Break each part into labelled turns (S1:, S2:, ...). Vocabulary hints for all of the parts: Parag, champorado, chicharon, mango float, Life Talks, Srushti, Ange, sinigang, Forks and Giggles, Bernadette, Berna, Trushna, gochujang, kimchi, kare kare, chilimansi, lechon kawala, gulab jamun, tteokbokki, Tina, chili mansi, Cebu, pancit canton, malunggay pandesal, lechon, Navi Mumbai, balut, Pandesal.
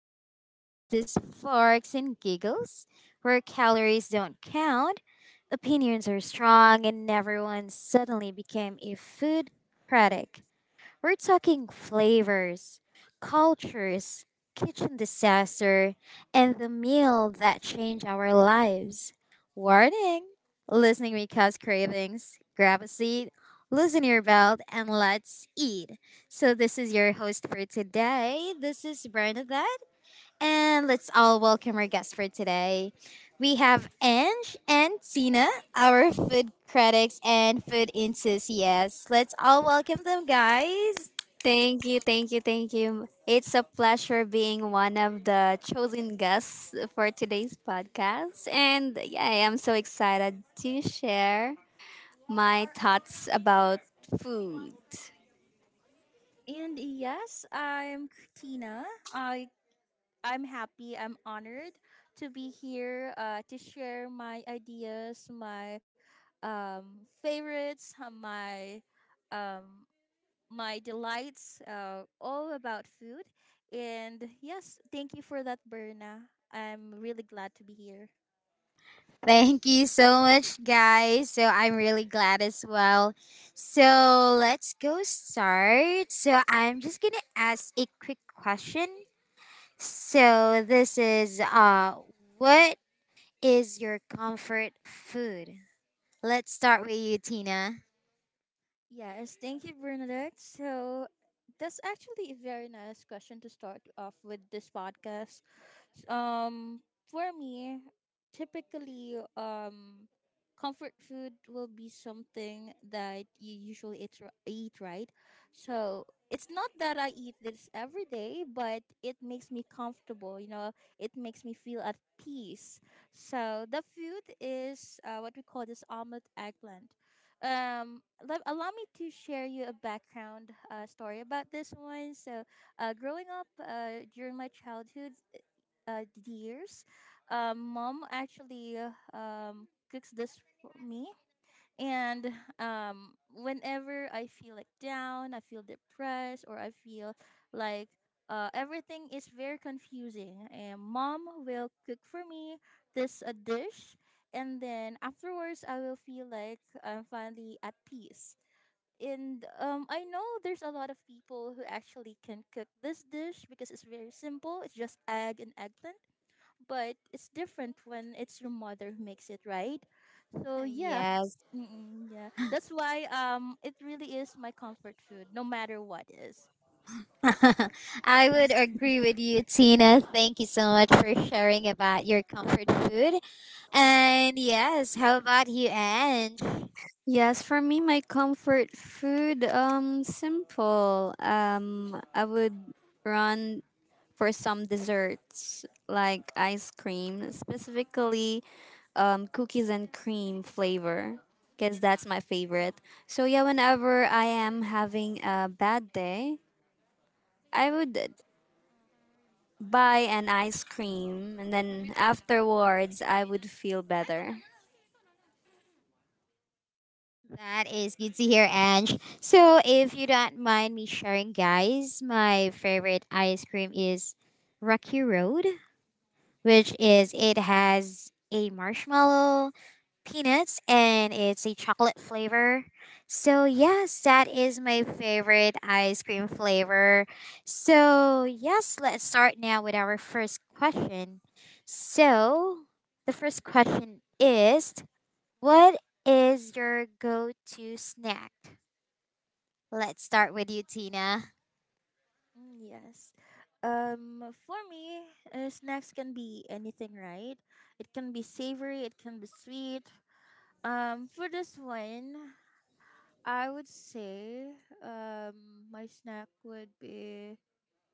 S1: humans! This is Forks and Giggles, where calories don't count, opinions are strong, and everyone suddenly became a food critic. We're talking flavors, cultures, kitchen disaster, and the meal that changed our lives. Warning! Listening may cause cravings. Grab a seat, loosen your belt, and let's eat. So, this is your host for today. This is Bernadette, and let's all welcome our guests for today. We have Ange and Tina, our food critics and food enthusiasts. Let's all welcome them, guys.
S2: Thank you, thank you, thank you. It's a pleasure being one of the chosen guests for today's podcast. And yeah, I am so excited to share my thoughts about food.
S3: And yes, I'm Tina. I I'm happy. I'm honored to be here to share my ideas, my favorites, my um, my delights, all about food. And yes, thank you for that, Berna. I'm really glad to be here.
S1: Thank you so much, guys. So I'm really glad as well. So let's go start. So I'm just gonna ask a quick question. So this is what is your comfort food? Let's start with you, Tina.
S3: Yes, thank you, Bernadette. So that's actually a very nice question to start off with this podcast. Um, for me, typically, comfort food will be something that you usually eat, eat, right? So it's not that I eat this every day, but it makes me comfortable. You know, it makes me feel at peace. So the food is what we call this omelette eggplant. Allow me to share you a background story about this one. So, growing up during my childhood years, mom actually cooks this for me, and whenever I feel like down, I feel depressed, or I feel like everything is very confusing, and mom will cook for me this a dish, and then afterwards I will feel like I'm finally at peace. And I know there's a lot of people who actually can cook this dish because it's very simple. It's just egg and eggplant, but it's different when it's your mother who makes it, right? So yeah.
S1: Yes.
S3: Mm-mm, yeah, that's why it really is my comfort food no matter what is.
S1: I would agree with you, Tina. Thank you so much for sharing about your comfort food. And yes, how about you, Ange?
S2: Yes, for me, my comfort food, simple. I would run for some desserts like ice cream, specifically cookies and cream flavor, because that's my favorite. So, yeah, whenever I am having a bad day, I would buy an ice cream and then afterwards I would feel better.
S1: That is good to hear, Ange. So, if you don't mind me sharing, guys, my favorite ice cream is Rocky Road, which is it has a marshmallow, peanuts and it's a chocolate flavor. So, yes, that is my favorite ice cream flavor. So, yes, let's start now with our first question. So, the first question is what is your go to snack? Let's start with you, Tina.
S3: Mm, yes, for me, snacks can be anything, right? It can be savory, it can be sweet. For this one, I would say my snack would be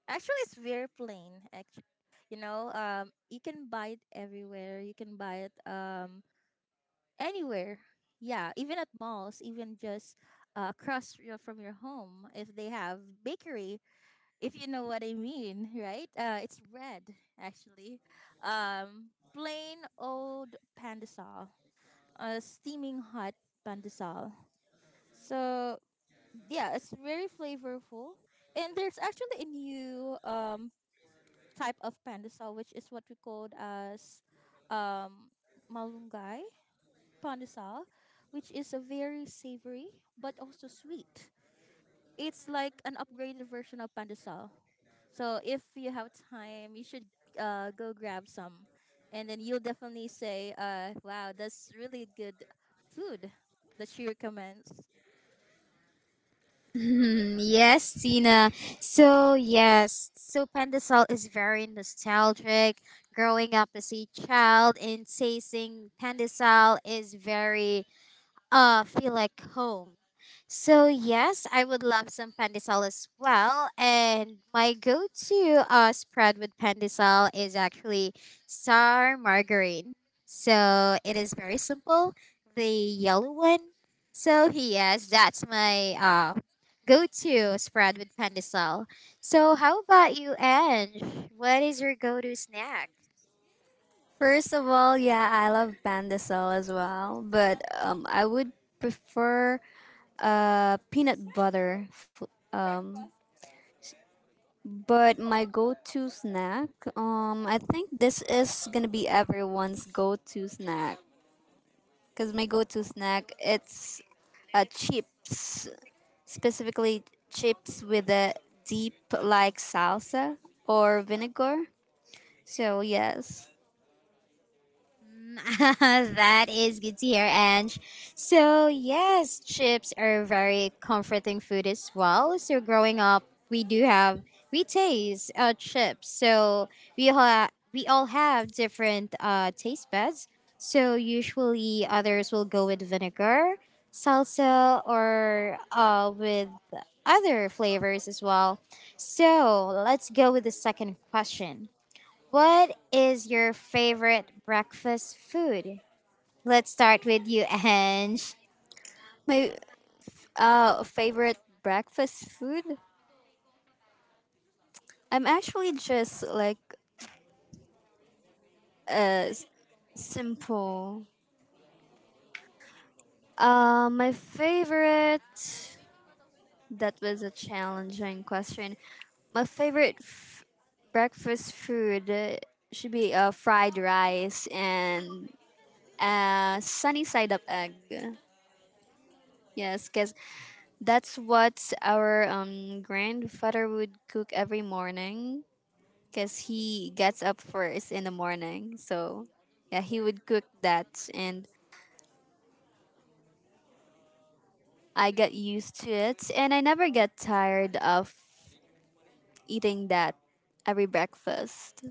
S3: actually, it's very plain. Actually, you know, you can buy it everywhere. You can buy it anywhere. Yeah, even at malls, even just across your, from your home, if they have bakery, if you know what I mean, right? It's bread actually. Plain old pandesal, steaming hot pandesal. So yeah, it's very flavorful. And there's actually a new type of pandesal, which is what we called as um, malunggay pandesal, which is a very savory but also sweet. It's like an upgraded version of pandesal. So if you have time, you should go grab some, and then you'll definitely say, "Wow, that's really good food that she recommends."
S1: Mhm, yes, Tina. So, yes, so Pandesal is very nostalgic. Growing up as a child and tasting Pandesal is very feel like home. So yes, I would love some pandesal as well. And my go-to spread with pandesal is actually sour margarine. So it is very simple, the yellow one. So yes, that's my go-to spread with pandesal. So how about you, Ange? What is your go-to snack?
S2: First of all, yeah, I love pandesal as well, but I would prefer peanut butter um, But my go-to snack, I think this is gonna be everyone's go-to snack. Cause my go-to snack, it's chips, specifically chips with a deep like salsa or vinegar. So yes,
S1: Mm, that is good to hear, Ange. So, yes, chips are very comforting food as well. So, growing up, we do have, we taste chips. So, we all have different taste buds. So, usually others will go with vinegar, salsa, or with other flavors as well. So, let's go with the second question. What is your favorite breakfast food? Let's start with you, Ange.
S2: my favorite breakfast food. I'm actually just like uh s- simple. My favorite. That was a challenging question. My favorite breakfast food should be fried rice and sunny side up egg. Yes, because that's what our grandfather would cook every morning because he gets up first in the morning. So, yeah, he would cook that and I got used to it and I never get tired of eating that every breakfast.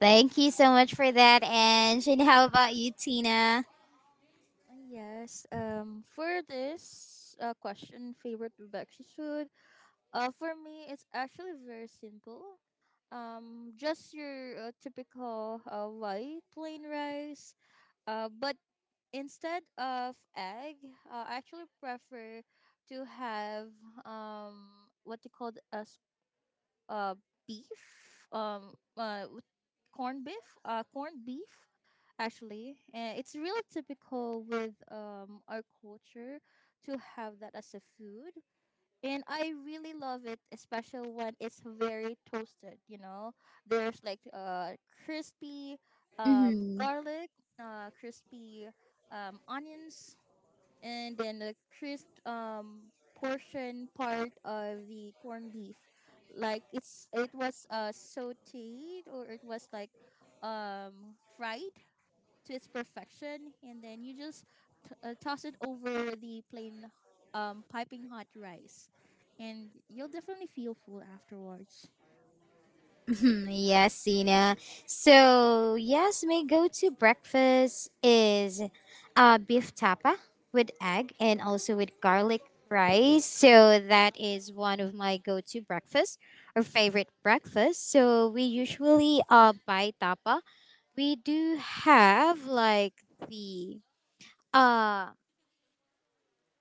S1: Thank you so much for that, Ange. And how about you, Tina?
S3: Yes. For this question, favorite Rebecca's food. For me, it's actually very simple. Just your typical white plain rice, but instead of egg, I actually prefer to have what you call as uh beef with corned beef, corned beef actually, and it's really typical with our culture to have that as a food, and I really love it, especially when it's very toasted, you know. There's like crispy garlic, crispy onions, and then the crisp portion part of the corned beef, like it's it was sauteed or it was like fried to its perfection, and then you just toss it over the plain piping hot rice, and you'll definitely feel full afterwards.
S1: Hmm. Yes, Sina. So, yes, my go to breakfast is beef tapa with egg and also with garlic rice. So, that is one of my go to breakfast or favorite breakfast. So, we usually buy tapa. We do have like the uh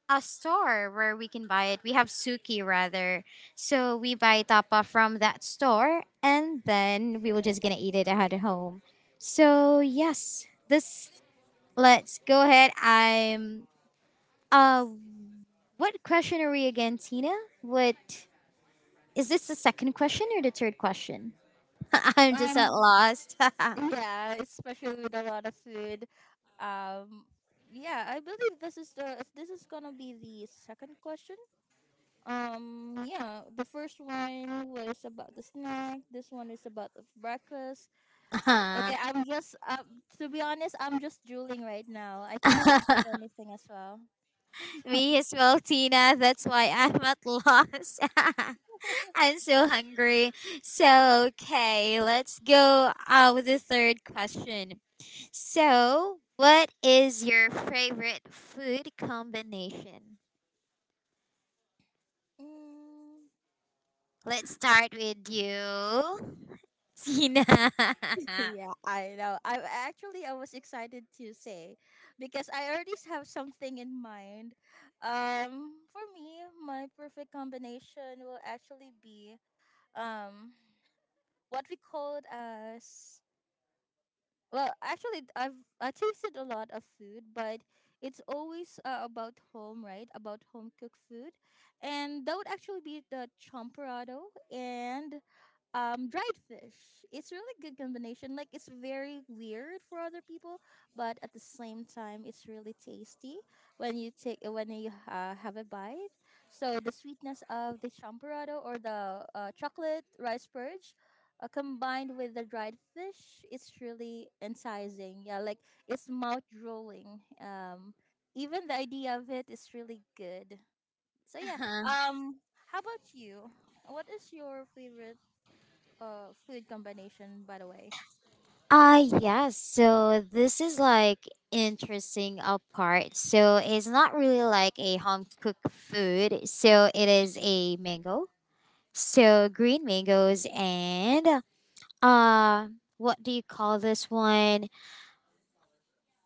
S1: a store where we can buy it. We have Suki rather. So we buy tapa from that store and then we will just gonna eat it at home. So yes, this let's go ahead. I'm uh what question are we again, Tina? What is this the second question or the third question? I'm just
S3: um
S1: at lost.
S3: yeah, especially with a lot of food. um yeah, I believe this is the this is gonna be the second question. Yeah, the first one was about the snack. This one is about the breakfast.
S1: Uh,
S3: Okay, I'm just to be honest, I'm just drooling right now. I can't think of anything as well.
S1: Me as well, Tina. That's why I'm at lost. I'm so hungry. So, okay, let's go with the third question. So, what is your favorite food combination?
S3: Mm,
S1: Let's start with you, Tina.
S3: yeah, I know. I actually I was excited to say because I already have something in mind. For me, my perfect combination will actually be um what we called as. Well, actually, I tasted a lot of food, but it's always about home, right? About home cooked food, and that would actually be the champorado and dried fish. It's really good combination, like it's very weird for other people, but at the same time it's really tasty when you have a bite. So the sweetness of the champorado or the chocolate rice purge combined with the dried fish, it's really enticing, yeah, like it's mouth drooling. Even the idea of it is really good. So yeah, how about you? What is your favorite food combination, by the way?
S1: Ah, yes. So this is like interesting part. So it's not really like a home cooked food. So it is a mango. So green mangoes and uh what do you call this one?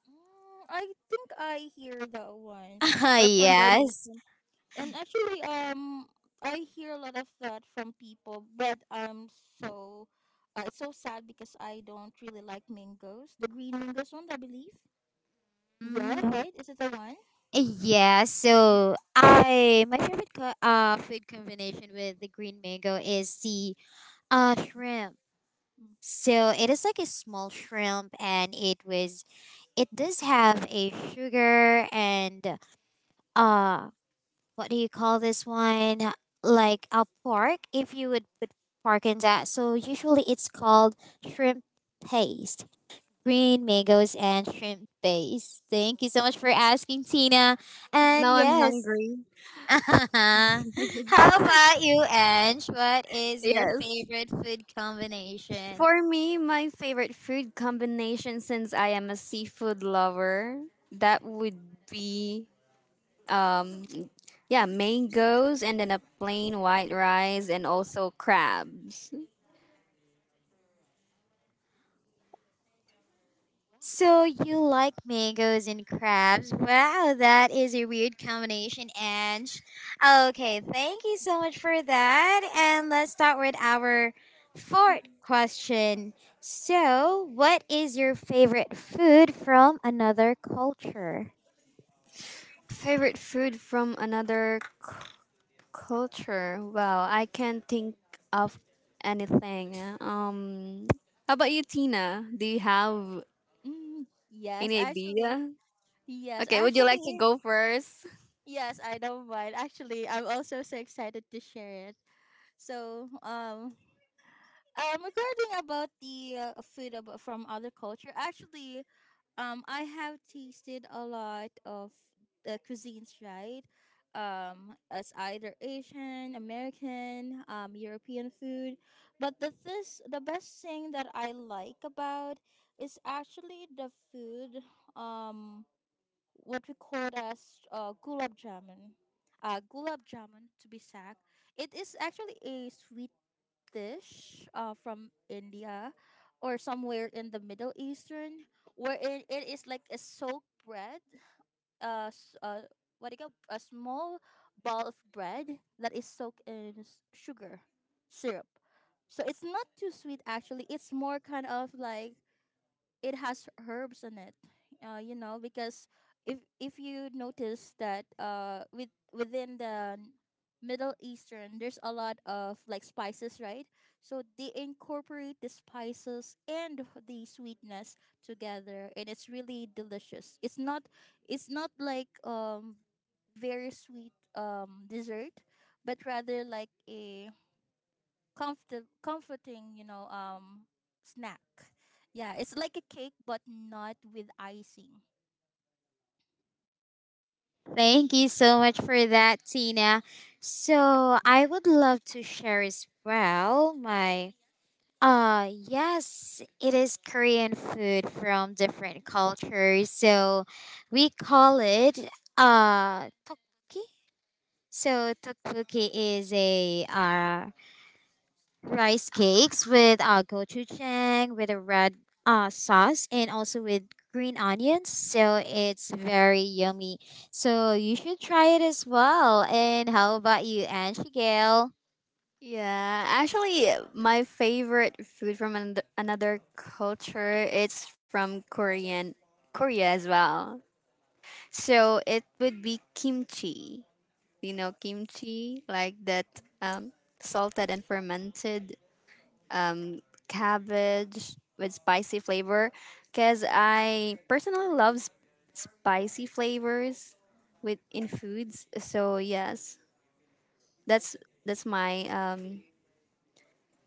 S3: Mm, I think I hear that one. That
S1: yes.
S3: combination. And actually I hear a lot of that from people, but I'm so it's so sad because I don't really like mangoes. The green mangoes one, I believe. Yeah,
S1: Mm,
S3: right? Is it the one?
S1: yeah, so I my favorite food combination with the green mango is the shrimp.
S3: Mm.
S1: So it is like a small shrimp and it does have a sugar and uh what do you call this one, like a pork, if you would put pork in that? So usually it's called shrimp paste, green mangoes and shrimp base. Thank you so much for asking, Tina. And
S3: Mm.
S2: Now I'm
S1: yes,
S2: hungry.
S1: how about you, Ange? What is your
S2: Yes.
S1: favorite food combination?
S2: For me, my favorite food combination, since I am a seafood lover, that would be um yeah, mangoes and then a plain white rice and also crabs.
S3: Wow.
S1: So you like mangoes and crabs? Wow, that is a weird combination, Ange. Okay, thank you so much for that. And let's start with our fourth question. So, what is your favorite food from another culture?
S2: Favorite food from another culture? Well, I can't think of anything. How about you, Tina? Do you have
S3: Mm, yes,
S2: any
S3: actually.
S2: idea?
S3: Yes,
S2: Okay, would you like to
S3: actually.
S2: go first?
S3: Yes, I don't mind. Actually, I'm also so excited to share it. So, regarding about the food from other culture, actually I have tasted a lot of the cuisines, right? As either asian american european food, but the best thing that I like about is actually the food um what we call as gulab jamun. Gulab jamun to be exact. It is actually a sweet dish from India, or somewhere in the Middle Eastern, wherein it is like a soaked bread. Uh, s- uh, what do you call a small ball of bread that is soaked in sugar syrup. So it's not too sweet actually. It's more kind of like it has herbs in it, you know, because if you notice that with within the middle eastern, there's a lot of like spices, right? So they incorporate the spices and the sweetness together, and it's really delicious. It's not like very sweet dessert, but rather like a comforting, you know, snack. Yeah, it's like a cake but not with icing.
S1: Thank you so much for that, Tina. So I would love to share as well my yes, it is Korean food from different cultures. So we call it tteokbokki. So tteokbokki is a rice cakes with gochujang with a red sauce and also with green onions, so it's very yummy, so you should try it as well. And how about you, Angie Gail?
S2: Yeah, actually, my favorite food from another culture, it's from Korea as well. So it would be kimchi. You know kimchi, like that salted and fermented um, cabbage with spicy flavor. Because I personally love spicy flavors with in foods. So yes, that's that's my um,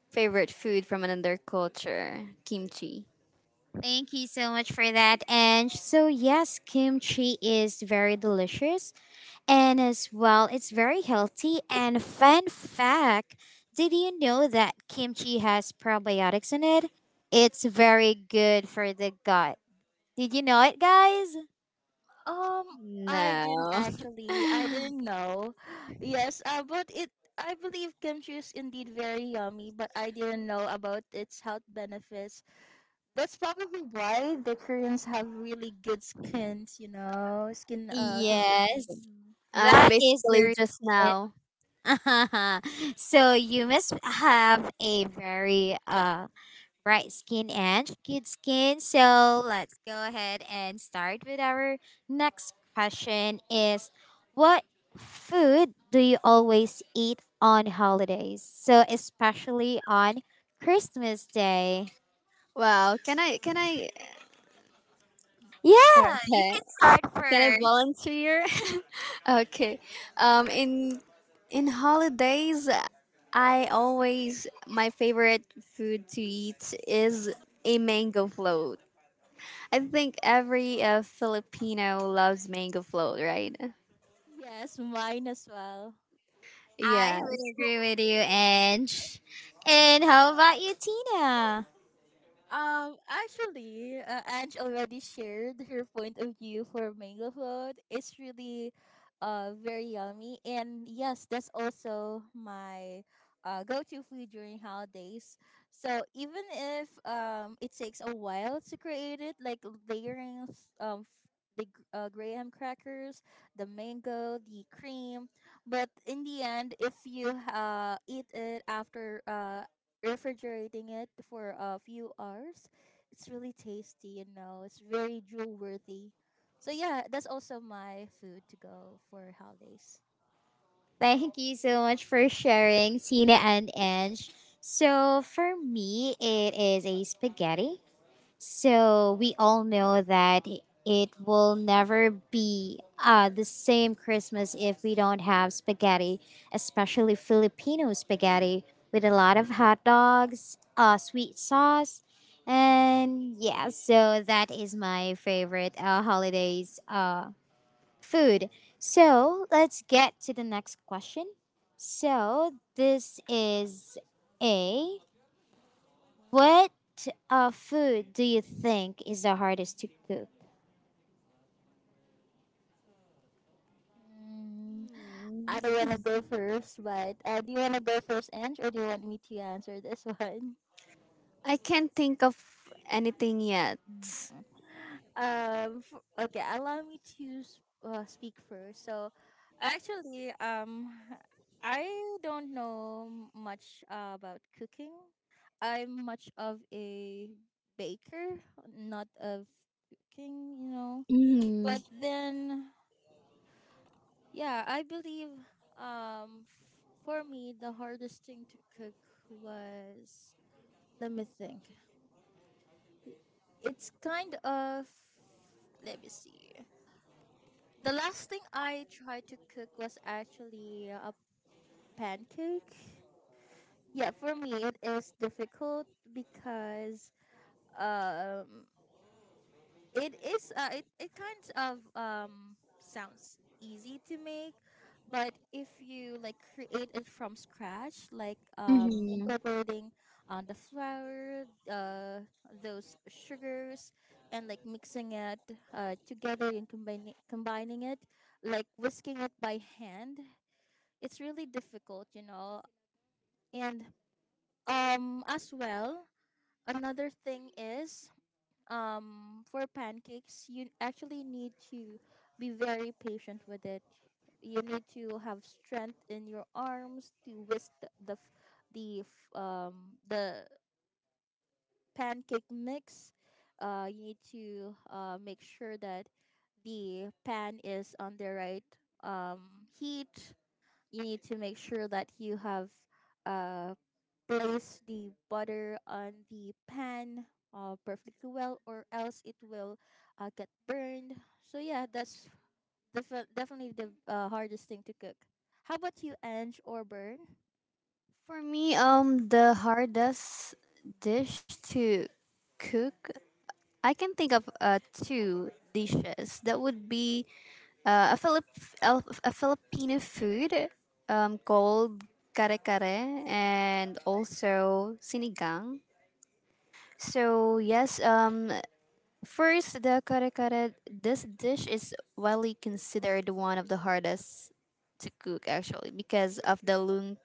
S2: Favorite food from another culture. Kimchi.
S1: Thank you so much for that. And so yes, kimchi is very delicious, and as well it's very healthy. And fun fact, did you know that kimchi has probiotics in it? It's very good for the gut. Did you know it, guys?
S3: Um, I didn't
S2: No.
S3: actually. I didn't know. Yes, but it. I believe kimchi is indeed very yummy, but I didn't know about its health benefits. That's probably why the Koreans have really good skins, you know, skin
S2: Well,
S1: Yes,
S3: condition.
S2: I'm
S1: that is the
S2: basically just
S1: reason.
S2: now.
S1: So you must have a very bright skin and good skin. So let's go ahead and start with our next question is what food do you always eat on holidays? So especially on Christmas Day.
S2: Wow! Can I,
S1: Yeah, you
S2: okay.
S1: can start
S2: Can I
S1: first.
S2: volunteer? Okay. Um in in holidays, I always my favorite food to eat is a mango float. I think every Filipino loves mango float, right?
S3: Yes, mine as well.
S1: I would
S2: Yes.
S1: agree with you, Ange. And how about you, Tina?
S3: Actually, Ange already shared her point of view for mango float. It's really, very yummy, and yes, that's also my, go-to food during holidays. So even if it takes a while to create it, like layering f- the graham crackers, the mango, the cream, but in the end, if you eat it after refrigerating it for a few hours. It's really tasty, you know. It's very drool worthy. So yeah, that's also my food to go for holidays.
S1: Thank you so much for sharing, Tina and Ange. So for me, it is a spaghetti. So we all know that it will never be the same Christmas if we don't have spaghetti, especially Filipino spaghetti with a lot of hot dogs, sweet sauce. And yeah, so that is my favorite holidays food. So let's get to the next question. So this is a what food do you think is the hardest to cook?
S3: Mm,
S2: Hmm.
S3: I don't want to go first, but do you want to go first, Ange, or do you want me to answer this one?
S2: I can't think of anything yet.
S3: Okay, allow me to speak first. So actually, I don't know much about cooking. I'm much of a baker, not of cooking, you know.
S1: Mm-hmm.
S3: But then yeah, I believe for me the hardest thing to cook was, let me think, it's kind of, let me see. The last thing I tried to cook was actually a pancake. Yeah, for me it is difficult because um it is it kind of sounds easy to make. But if you like create it from scratch, like
S1: Mm-hmm.
S3: incorporating on the flour, those sugars, and like mixing it together and combining it, like whisking it by hand, it's really difficult, you know. And as well, another thing is for pancakes, you actually need to be very patient with it. You need to have strength in your arms to whisk the pancake mix. You need to make sure that the pan is on the right heat. You need to make sure that you have uh, placed the butter on the pan perfectly well, or else it will get burned. So yeah, that's definitely the hardest thing to cook. How about you, Ange or Burn?
S2: For me, the hardest dish to cook, I can think of two dishes. That would be a Philip a Filipino food called kare kare and also sinigang. So yes, first, the kare kare. This dish is widely considered one of the hardest to cook, actually, because of the long,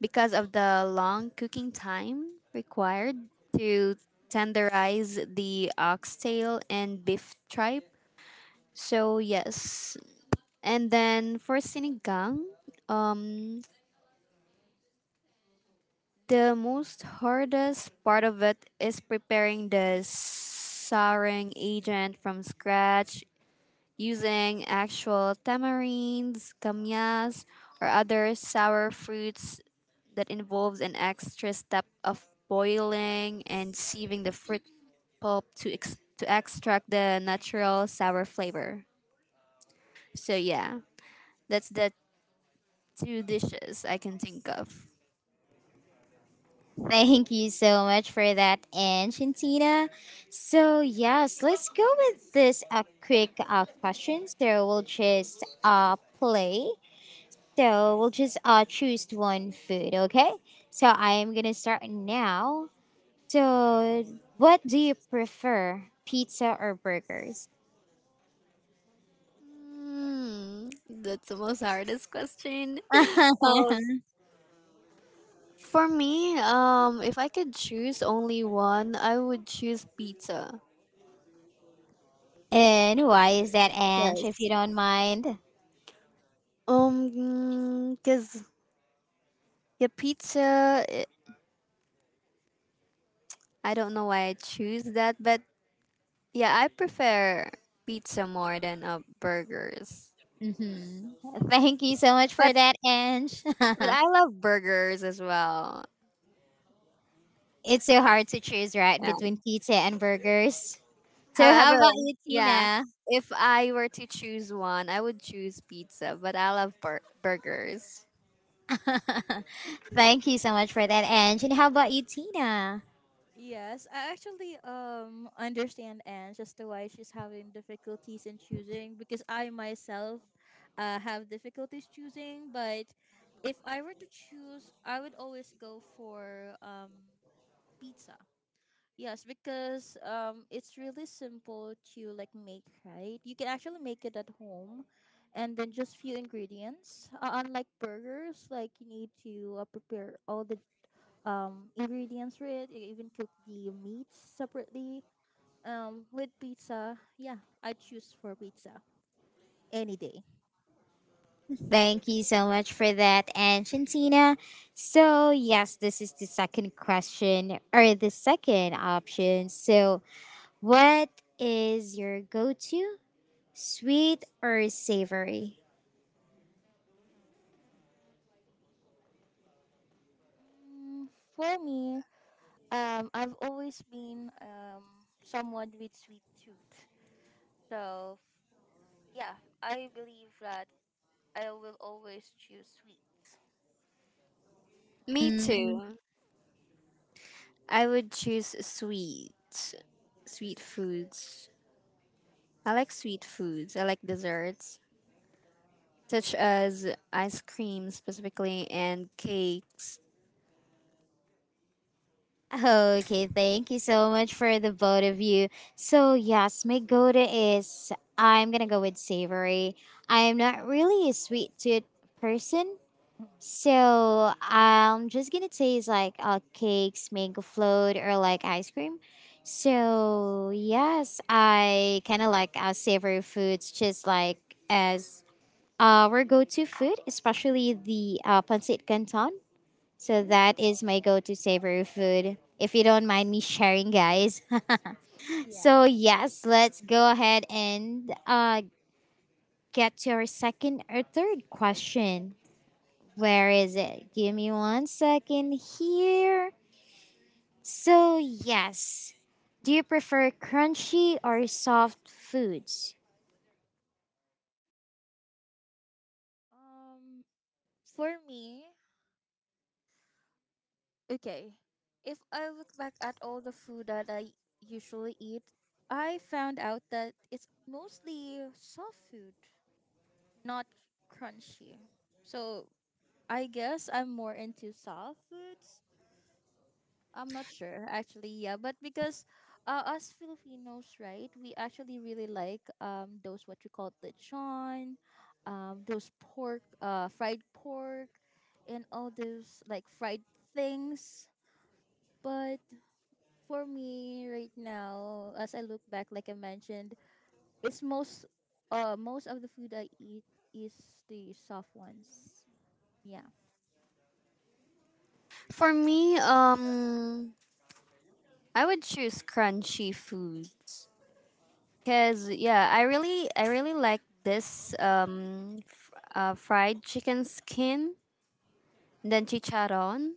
S2: cooking time required to tenderize the oxtail and beef tripe. So yes, and then for sinigang, um, the most hardest part of it is preparing the souring agent from scratch using actual tamarinds, kamyas, or other sour fruits, that involves an extra step of boiling and sieving the fruit pulp to extract the natural sour flavor. So yeah, that's the two dishes I can think of.
S1: Thank you so much for that, and Shantina. So yes, let's go with this a quick question. So we'll just play. So we'll just choose one food, okay? So I am gonna start now. So what do you prefer, pizza or burgers?
S2: Hmm, that's the most hardest question. Um, for me, if I could choose only one, I would choose pizza.
S1: And why is that, Ange, if you
S2: Yes.
S1: don't mind?
S2: Cause yeah, pizza. I don't know why I choose that, but yeah, I prefer pizza more than burgers.
S1: Hmm. Thank you so much for
S2: But
S1: that, Ange.
S2: but I love burgers as well.
S1: It's so hard to choose, right, between
S2: Yeah.
S1: pizza and burgers. So, how
S2: However,
S1: about you,
S2: yeah,
S1: Tina?
S2: if I were to choose one, I would choose pizza. But I love burgers.
S1: Thank you so much for that, Ange. And how about you, Tina?
S3: Yes, I actually understand Anne as to why she's having difficulties in choosing because I myself have difficulties choosing. But if I were to choose, I would always go for pizza. Yes, because it's really simple to like make, right? You can actually make it at home, and then just few ingredients. Unlike burgers, like you need to prepare all the ingredients for it. You even cook the meats separately. With pizza, yeah, I choose for pizza any day.
S1: Thank you so much for that, Ange and Tina. So, yes, this is the second question or the second option. So, what is your go to, sweet or savory?
S3: Mm, for me, I've always been someone with sweet tooth. So yeah, I believe that I will always choose sweets.
S2: Me
S1: Hmm.
S2: too. I would choose sweet foods. I like sweet foods. I like desserts, such as ice cream, specifically, and cakes.
S1: Okay, thank you so much for the both of you. So, yes, my go to is I'm gonna go with savory. I'm not really a sweet tooth person, so I'm just gonna taste like cakes, mango float, or like ice cream. So, yes, I kind of like savory foods just like as our go to food, especially the pancit canton. So that is my go to savory food. If you don't mind me sharing, guys. So,
S3: Yeah.
S1: yes, let's go ahead and get to our second or third question. Where is it? Give me one second here. So, yes. Do you prefer crunchy or soft foods?
S3: Um, for me, okay, if I look back at all the food that I usually eat, I found out that it's mostly soft food, not crunchy. So I guess I'm more into soft foods. I'm not sure actually. Yeah, but because us Filipinos, right, we actually really like those what you call lechon, those pork, fried pork, and all those like fried things. But for me right now, as I look back, like I mentioned, it's most most of the food I eat is the soft ones. Yeah.
S2: For me, I would choose crunchy foods because yeah, I really like this fried chicken skin, and then chicharon,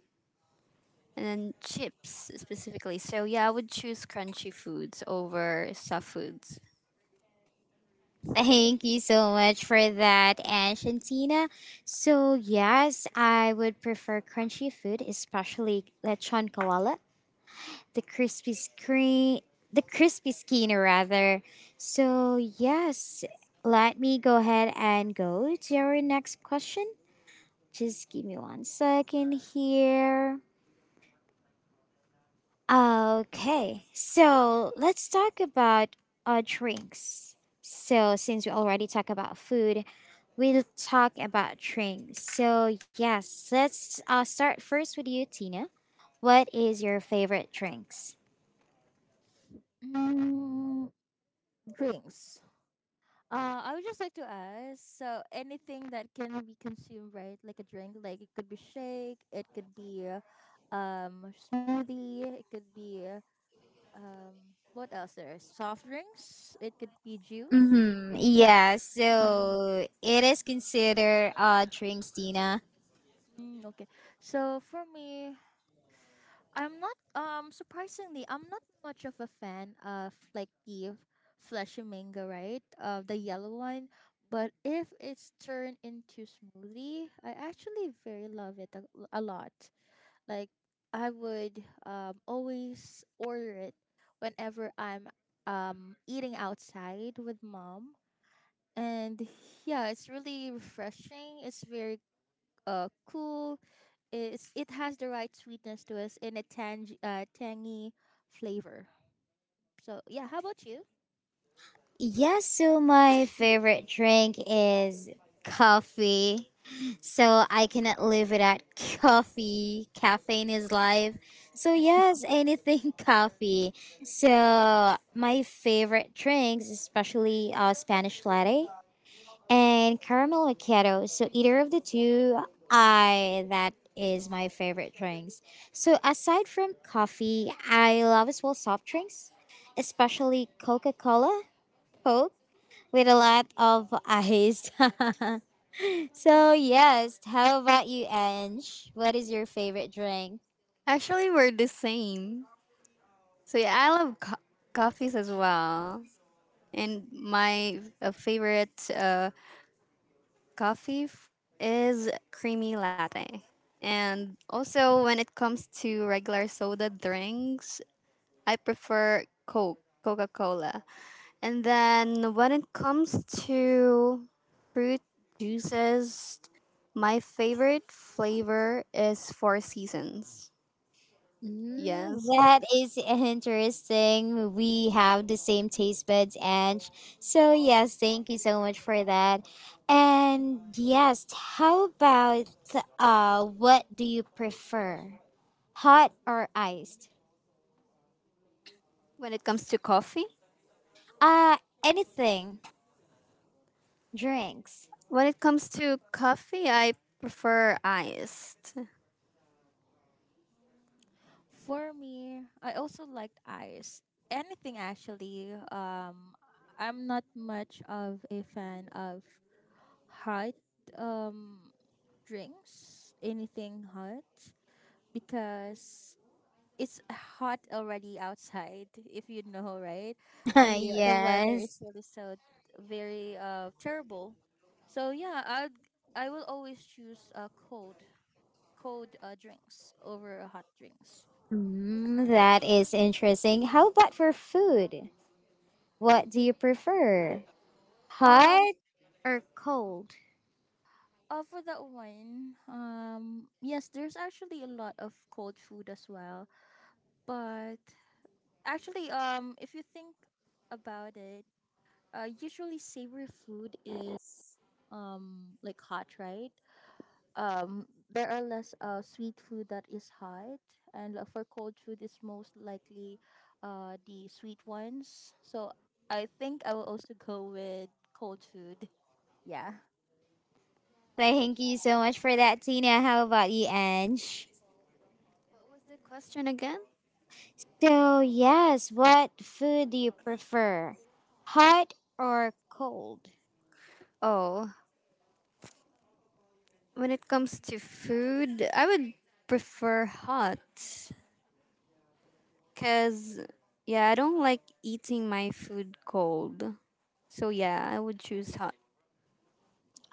S2: and then chips specifically. So yeah, I would choose crunchy foods over soft foods.
S1: Thank you so much for that, Ash and Tina. So, yes, I would prefer crunchy food, especially lechon kawala. the crispy screen the crispy skinner rather. So yes, let me go ahead and go to our next question. Just give me one second here. Okay, so let's talk about drinks. So since we already talked about food, we'll talk about drinks. So yes, let's start first with you, Tina. What is your favorite drinks?
S3: Mm, drinks. I would just like to ask. So, anything that can be consumed, right? Like a drink, like it could be shake, it could be, smoothie, it could be, what else there is? Soft drinks. It could be juice.
S1: Mm-hmm. Yeah, so it is considered drinks, Tina.
S3: Mm, okay. So for me, I'm not surprisingly I'm not much of a fan of like the fleshy mango, right? The yellow one. But if it's turned into smoothie, I actually very love it a lot. Like I would always order it whenever I'm eating outside with mom. And yeah, it's really refreshing. It's very cool. It has the right sweetness to us and a tangy flavor. So, yeah, how about you?
S1: Yeah, so my favorite drink is coffee. So I cannot live without coffee. Caffeine is life. So yes, anything coffee. So my favorite drinks, especially Spanish latte and caramel macchiato. So either of the two, I that is my favorite drinks. So aside from coffee, I love as well soft drinks, especially Coca Cola, Coke with a lot of ice. So yes, how about you, Ange? What is your favorite drink?
S2: Actually, we're the same. So yeah, I love coffees as well. And my favorite coffee is creamy latte. And also, when it comes to regular soda drinks, I prefer Coke, Coca Cola. And then when it comes to fruit juices, my favorite flavor is Four Seasons.
S1: Mm,
S2: Yes.
S1: that is interesting. We have the same taste buds, and so yes, thank you so much for that. And yes, how about what do you prefer, hot or iced?
S2: When it comes to coffee,
S1: Uh, anything, drinks.
S2: when it comes to coffee, I prefer iced. What
S3: For me, I also liked ice. Anything actually. I'm not much of a fan of hot um, drinks, anything hot, because it's hot already outside, if you know, right? the the weather is
S1: Yes.
S3: really so very terrible. So yeah, I will always choose cold drinks over hot drinks.
S1: Mm, that is interesting. How about for food? What do you prefer,
S3: um
S1: hot or cold?
S3: for that one, yes, there's actually a lot of cold food as well. But actually, if you think about it, usually savory food is like hot, right? There are less sweet food that is hot, and for cold food, it's most likely the sweet ones. So I think I will also go with cold food. Yeah.
S1: Thank you so much for that, Tina. How about you, Ange?
S2: was the question again?
S1: So, yes, what food do you prefer? Hot or cold?
S2: Oh, when it comes to food, I would prefer hot. Because, yeah, I don't like eating my food cold. So, yeah, I would choose hot.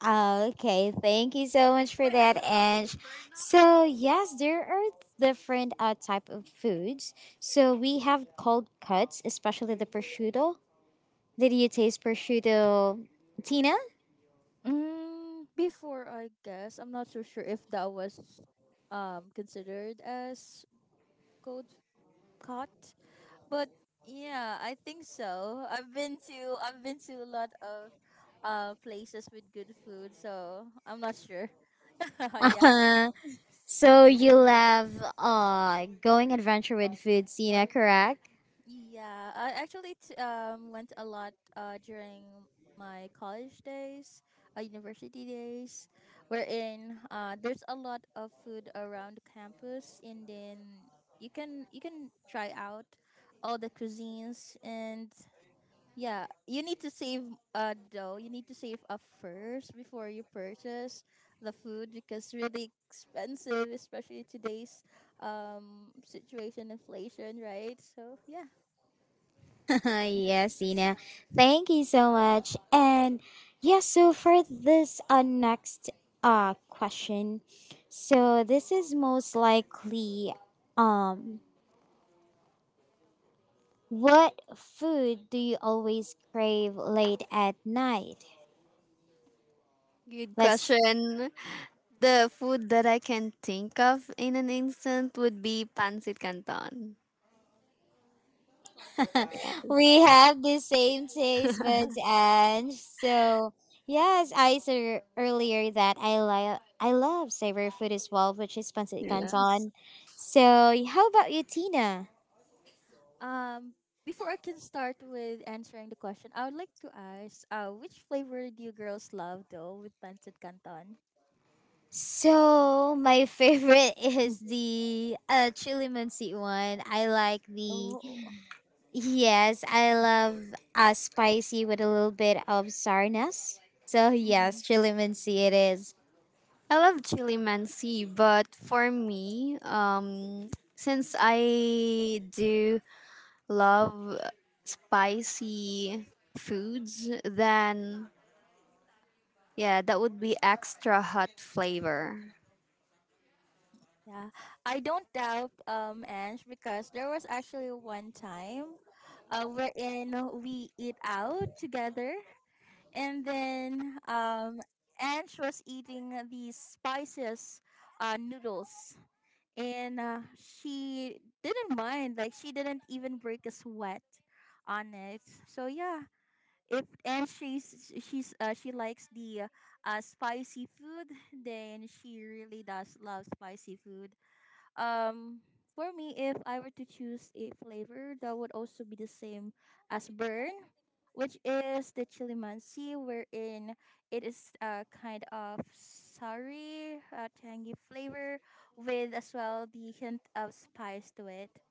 S1: Oh, okay, thank you so much for that, Ange. So, yes, there are different type of foods. So, we have cold cuts, especially the prosciutto. Did you taste prosciutto, Tina?
S3: Mm, before, I guess I'm not so sure if that was considered as cold caught, but yeah, I think so. I've been to a lot of places with good food, so I'm not sure. Yeah.
S1: So, you love going adventure with food, Tina, correct?
S3: Yeah, I actually went a lot during my college days, university days, wherein there's a lot of food around campus, and then you can try out all the cuisines and. Yeah, you need to save dough. You need to save up first before you purchase the food because really expensive, especially today's situation, inflation, right? So yeah.
S1: Yes, Ina. Thank you so much. And yeah, so for this next question, so this is most likely um what food do you always crave late at night?
S2: Good
S1: Let's
S2: question. The food that I can think of in an instant would be pancit canton.
S1: We have the same taste buds and so yes, I said earlier that I love savory food as well, which is pancit
S2: Yes.
S1: canton. So how about you, Tina?
S3: Um, Before I can start with answering the question, I would like to ask, which flavor do you girls love though with pancit canton?
S1: So my favorite is the chili mansi one. I like the
S3: Oh,
S1: yes, I love spicy with a little bit of sourness. So
S3: mm,
S1: yes, chili mansi it is.
S2: I love chili mansi, but for me, since I do love spicy foods, then yeah, that would be extra hot flavor.
S3: yeah. I don't doubt, Ange, because there was actually one time, wherein we eat out together, and then Ange was eating these spices, noodles. And she didn't mind, like she didn't even break a sweat on it. So yeah, if and she likes the spicy food, then she really does love spicy food. um for me, if I were to choose a flavor, that would also be the same as burn, which is the chilimansi, wherein it is a kind of sari, tangy flavor, with as well the hint of spice to it.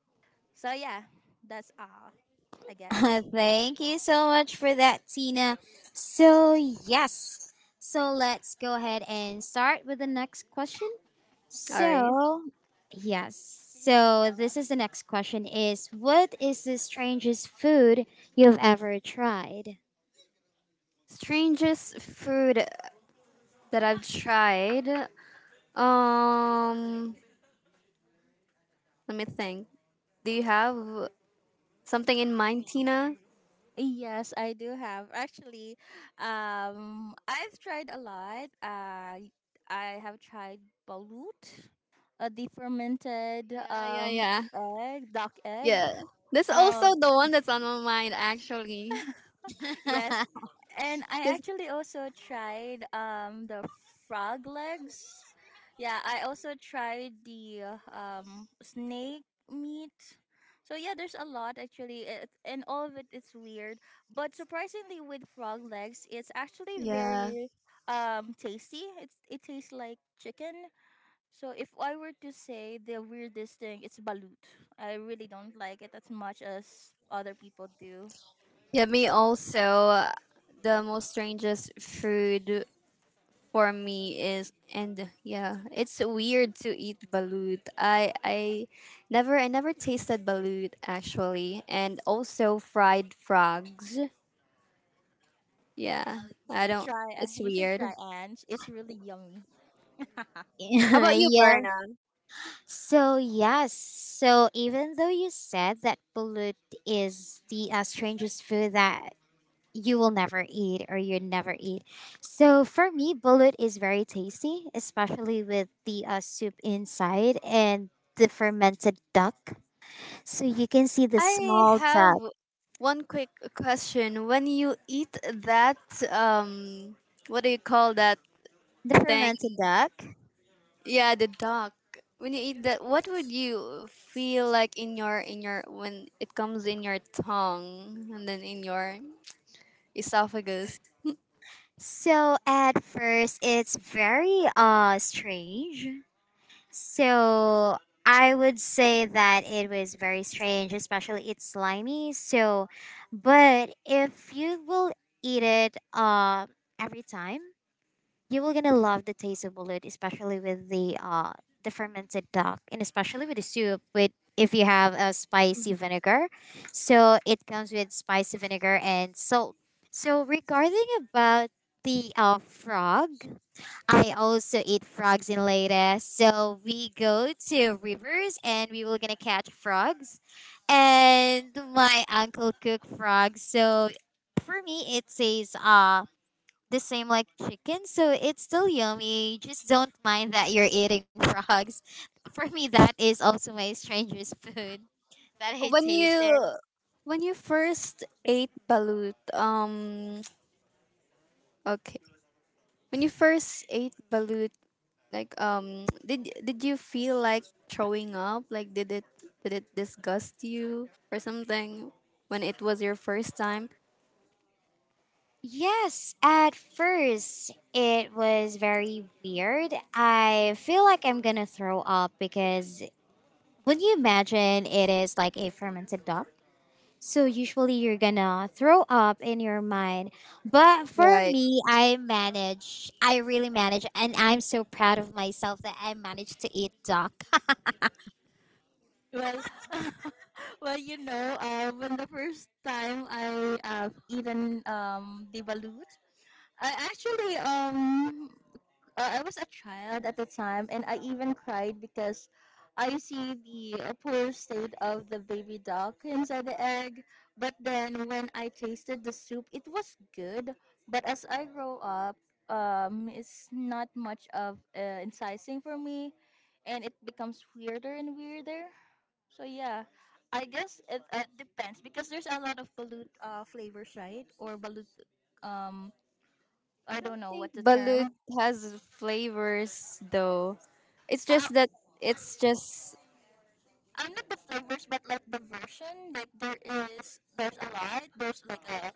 S3: So yeah, that's all, I guess.
S1: Thank you so much for that, Tina. So, yes. So, let's go ahead and start with the next question.
S2: All right.
S1: So, yes. So, this is the next question is what is the strangest food you've ever tried?
S2: Strangest food that I've tried. Um, Let me think. Do you have something in mind, Tina?
S3: Yes, I do have. Actually, I've tried a lot. I have tried balut, the fermented
S2: Yeah, yeah, yeah.
S3: egg, duck egg.
S2: Yeah. This also
S3: Um,
S2: the one that's on my mind actually.
S3: Yes. And I
S2: 'Cause-
S3: actually also tried the frog legs. Yeah, I also tried the snake meat. So yeah, there's a lot actually it, and all of it is weird, but surprisingly with frog legs, it's actually
S2: Yeah.
S3: very tasty. It tastes like chicken. So if I were to say the weirdest thing, it's balut. I really don't like it as much as other people do.
S2: Yeah, me also. The most strangest food for me is, and yeah, it's weird to eat balut. I never tasted balut actually, and also fried frogs. Yeah.
S3: Well,
S2: I don't, it's
S3: you should
S2: weird.
S3: try, Ange. It's really yummy.
S2: How about you,
S1: Yeah.
S2: Berna?
S1: So, yes. So, even though you said that balut is the strangest food that you will never eat or you never eat. So for me, bullet is very tasty, especially with the soup inside and the fermented duck. So you can see the
S2: I
S1: small
S2: have
S1: duck,
S2: one quick question. When you eat that, um what do you call that
S1: the
S2: thing?
S1: fermented duck.
S2: Yeah, the duck. When you eat that, what would you feel like in your, when it comes in your tongue and then in your esophagus?
S1: So at first, it's very strange. So I would say that it was very strange, especially it's slimy. So, but if you will eat it every time you will gonna love the taste of bullet, especially with the fermented duck, and especially with the soup. With if you have a spicy vinegar, so it comes with spicy vinegar and salt. So regarding about the frog, I also eat frogs in Leyte. So we go to rivers and we will gonna catch frogs, and my uncle cook frogs. So for me, it says the same like chicken, so it's still yummy. Just don't mind that you're eating frogs. For me, that is also my strangest food that I
S2: When
S1: tasted.
S2: you when you first ate balut, okay. When you first ate balut, like, did you feel like throwing up? Like did it disgust you or something when it was your first time?
S1: Yes, at first it was very weird. I feel like I'm gonna throw up because would you imagine it is like a fermented duck? So usually you're gonna throw up in your mind. But for
S2: Right.
S1: me, I manage. I really manage. And I'm so proud of myself that I managed to eat duck.
S3: Well, well, when the first time I eaten the balut, I actually um, I was a child at the time, and I even cried because I see the poor state of the baby duck inside the egg. But then when I tasted the soup, it was good. But as I grow up, it's not much of incising for me, and it becomes weirder and weirder. So yeah, I guess it depends because there's a lot of balut flavors, right? Or balut, um,
S2: I
S3: I
S2: don't
S3: don't know
S2: think
S3: what the term.
S2: balut has flavors though. It's
S3: Uh,
S2: just that, it's just
S3: Not the flavors, but like the version. Like there's a lot. There's like a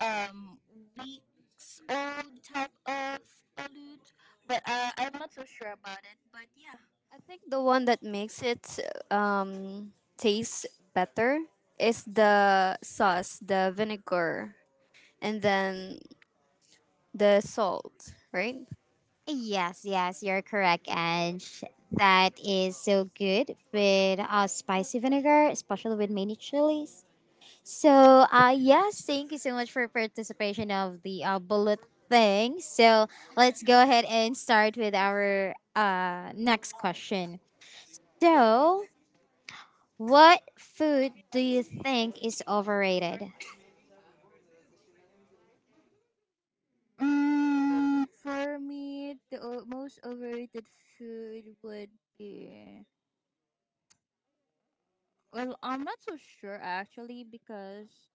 S3: um weeks old type of balut, but I'm not so sure about it. But yeah.
S2: I think the one that makes it taste better is the sauce, the vinegar, and then the salt, right?
S1: Yes, yes, you're correct. And that is so good with spicy vinegar, especially with many chilies. So, yes, thank you so much for participation of the bullet thing. So, let's go ahead and start with our next question. So, what food do you think is overrated?
S3: Mm, for me, the most overrated food would be... Well, I'm not so sure actually because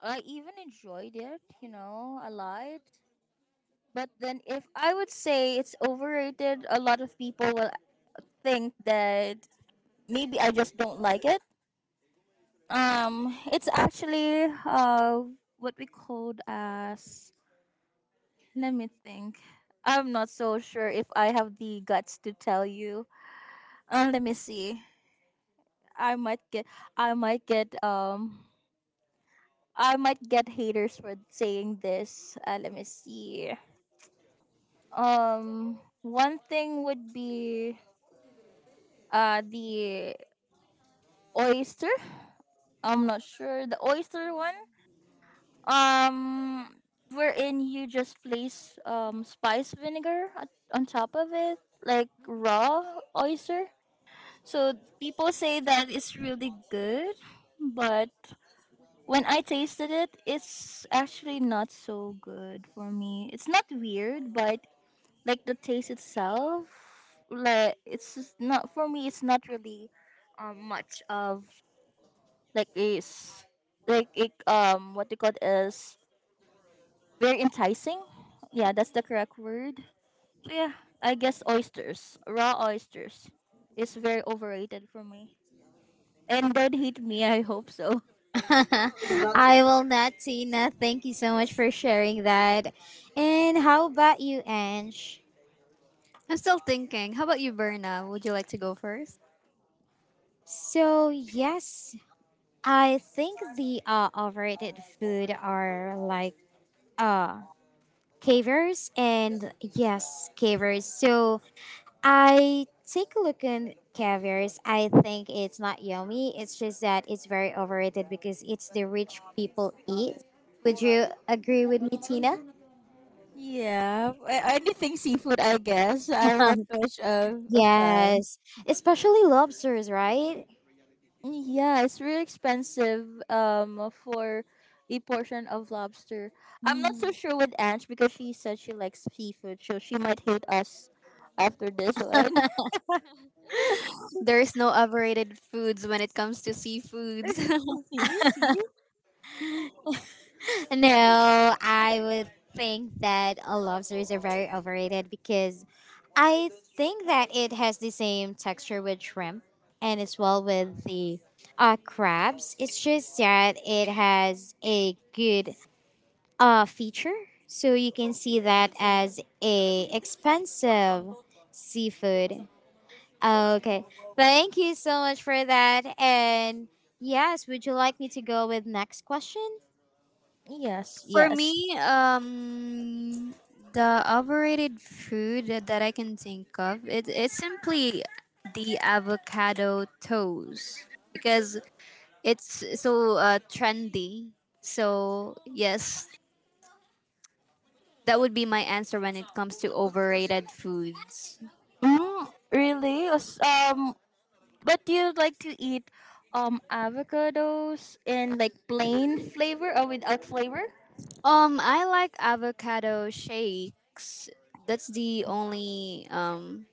S3: I even enjoyed it, a lot. But then if I would say it's overrated, a lot of people will think that maybe I just don't like it. It's actually what we called as... let me think. I'm not so sure if I have the guts to tell you. Let me see. I might get I might get um I might get haters for saying this. Let me see. One thing would be the oyster. I'm not sure the oyster one. Um, Wherein you just place spice vinegar on top of it, like raw oyster. So people say that it's really good, but when I tasted it, it's actually not so good for me. It's not weird, but like the taste itself, like it's just not for me. It's not really much of like is like it what they call it is very enticing. Yeah, that's the correct word. So yeah, I guess oysters, raw oysters, is very overrated for me. And don't hate me. I hope so.
S1: I will not, Tina. Thank you so much for sharing that. And how about you, Ange?
S2: I'm still thinking. How about you, Berna? Would you like to go first?
S1: So, yes, I think the overrated food are like uh, cavers and yes, cavers. So, I take a look at caviars. I think it's not yummy. It's just that it's very overrated because it's the rich people eat. Would you agree with me, Tina?
S3: Yeah, anything seafood, I guess. I'm not
S1: Um,
S3: much of a fan.
S1: Yes, especially lobsters, right?
S3: Yeah, it's really expensive for a portion of lobster. I'm not so sure with Ange because she said she likes seafood, so she might hate us after this one.
S2: There is no overrated foods when it comes to seafoods.
S3: See, see?
S1: No, I would think that lobsters are very overrated because I think that it has the same texture with shrimp and as well with the crabs. It's just that it has a good feature. So you can see that as a expensive seafood. Okay. Thank you so much for that. And yes, would you like me to go with next question?
S3: Yes,
S2: For me,
S3: yes.
S2: um, the overrated food that I can think of, it's simply the avocado toast, because it's so trendy. So yes, that would be my answer when it comes to overrated foods.
S3: Mm, really? But do you like to eat avocados in like plain flavor or without flavor?
S2: I like avocado shakes. That's the only um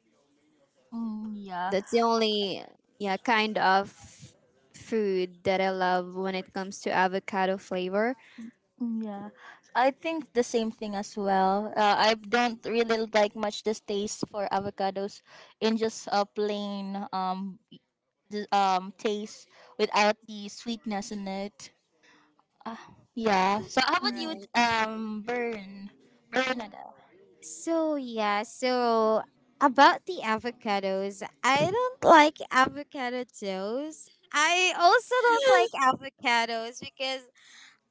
S3: Mm, yeah.
S2: That's the only, yeah, kind of food that I love when it comes to avocado flavor.
S3: Yeah, I think the same thing as well. I don't really like much this taste for avocados in just a plain taste without the sweetness in it. Yeah. So how about you,
S2: Alright.
S3: Bernada?
S1: So yeah, so about the avocados, I don't like avocado toast. I also don't like avocados because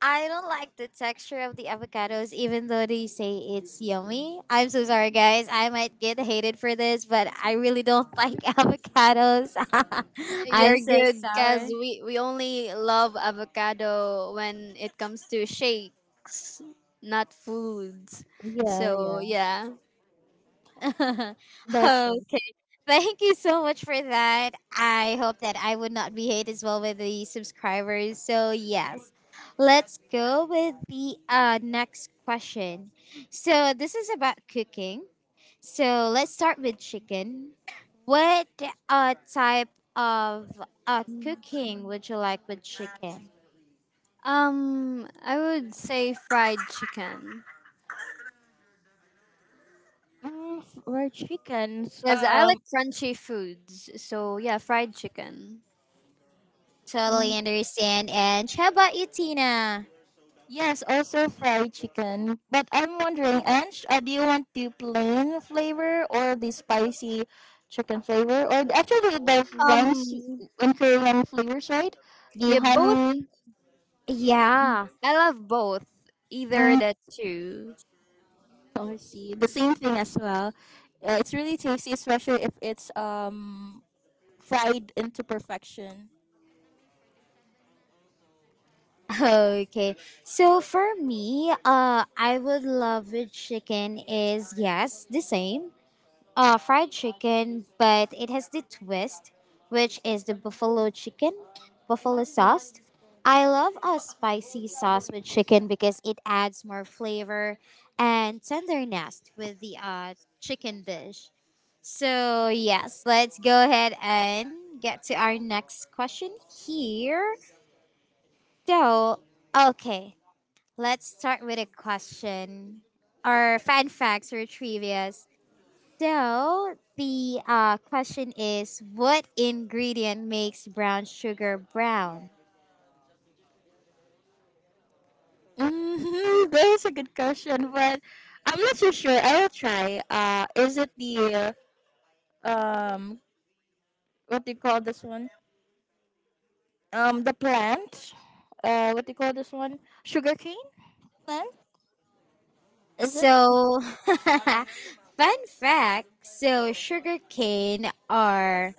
S1: I don't like the texture of the avocados, even though they say it's yummy. I'm so sorry, guys. I might get hated for this, but I really don't like avocados. I'm
S2: You're
S1: so
S2: good because
S1: sorry.
S2: we only love avocado when it comes to shakes, not foods.
S3: Yeah,
S2: So
S3: yeah,
S2: yeah.
S3: that's right.
S1: Okay. Thank you so much for that. I hope that I would not be hate as well with the subscribers. So yes. Let's go with the next question. So this is about cooking. So let's start with chicken. What type of cooking would you like with chicken?
S2: I would say fried chicken.
S3: Mm, for chickens.
S2: Because I like crunchy foods. So yeah, fried chicken.
S1: Totally understand. And how about you, Tina?
S3: Yes, also fried chicken. But I'm wondering, Ange, do you want the plain flavor or the spicy chicken flavor? Or actually, the ones
S2: Um
S3: in Korean flavors, right? The
S2: yeah, both.
S3: honey.
S1: Yeah.
S2: I love both. Either
S3: Mm,
S2: the two.
S3: oh, I see. The same thing as well. It's really tasty, especially if it's fried into perfection.
S1: Okay. So for me, I would love with chicken is yes, the same. Fried chicken, but it has the twist, which is the buffalo chicken, buffalo sauce. I love a spicy sauce with chicken because it adds more flavor and tenderness with the chicken dish. So yes, let's go ahead and get to our next question here. So okay, let's start with a question or fun facts or trivias. So, the question is what ingredient makes brown sugar brown?
S3: Mm-hmm, that is a good question, but I'm not so sure. I will try. Is it the uh, um what do you call this one? The plant, what do you call this one, sugarcane plant, is it...
S1: So, fun fact so, sugar cane are,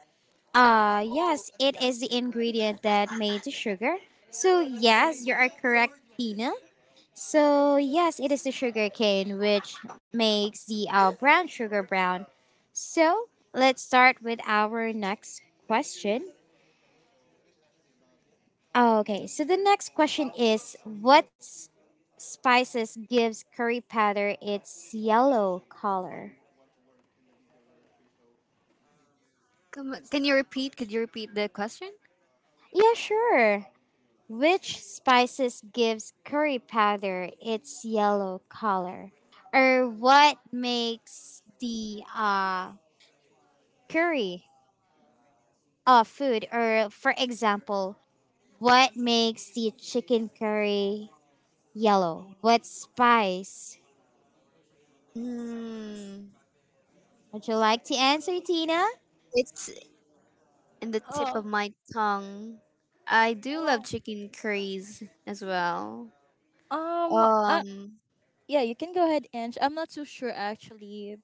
S1: yes, it is the ingredient that made the sugar. So, yes, you are correct, Tina. So yes, it is the sugar cane which makes the brown sugar brown. So let's start with our next question. Okay, so the next question is what spices gives curry powder its yellow color?
S2: Come, can you repeat? Could you repeat the question?
S1: Yeah, sure. Which spices gives curry powder its yellow color? Or what makes the curry food, or for example, what makes the chicken curry yellow? What spice?
S2: Mm,
S1: Would you like to answer, Tina?
S2: it's in the tip of
S3: Oh,
S2: my tongue. I do love
S3: oh.
S2: chicken curries as well.
S3: um uh,
S2: Um,
S3: yeah, you can go ahead, Ange. I'm not so sure actually.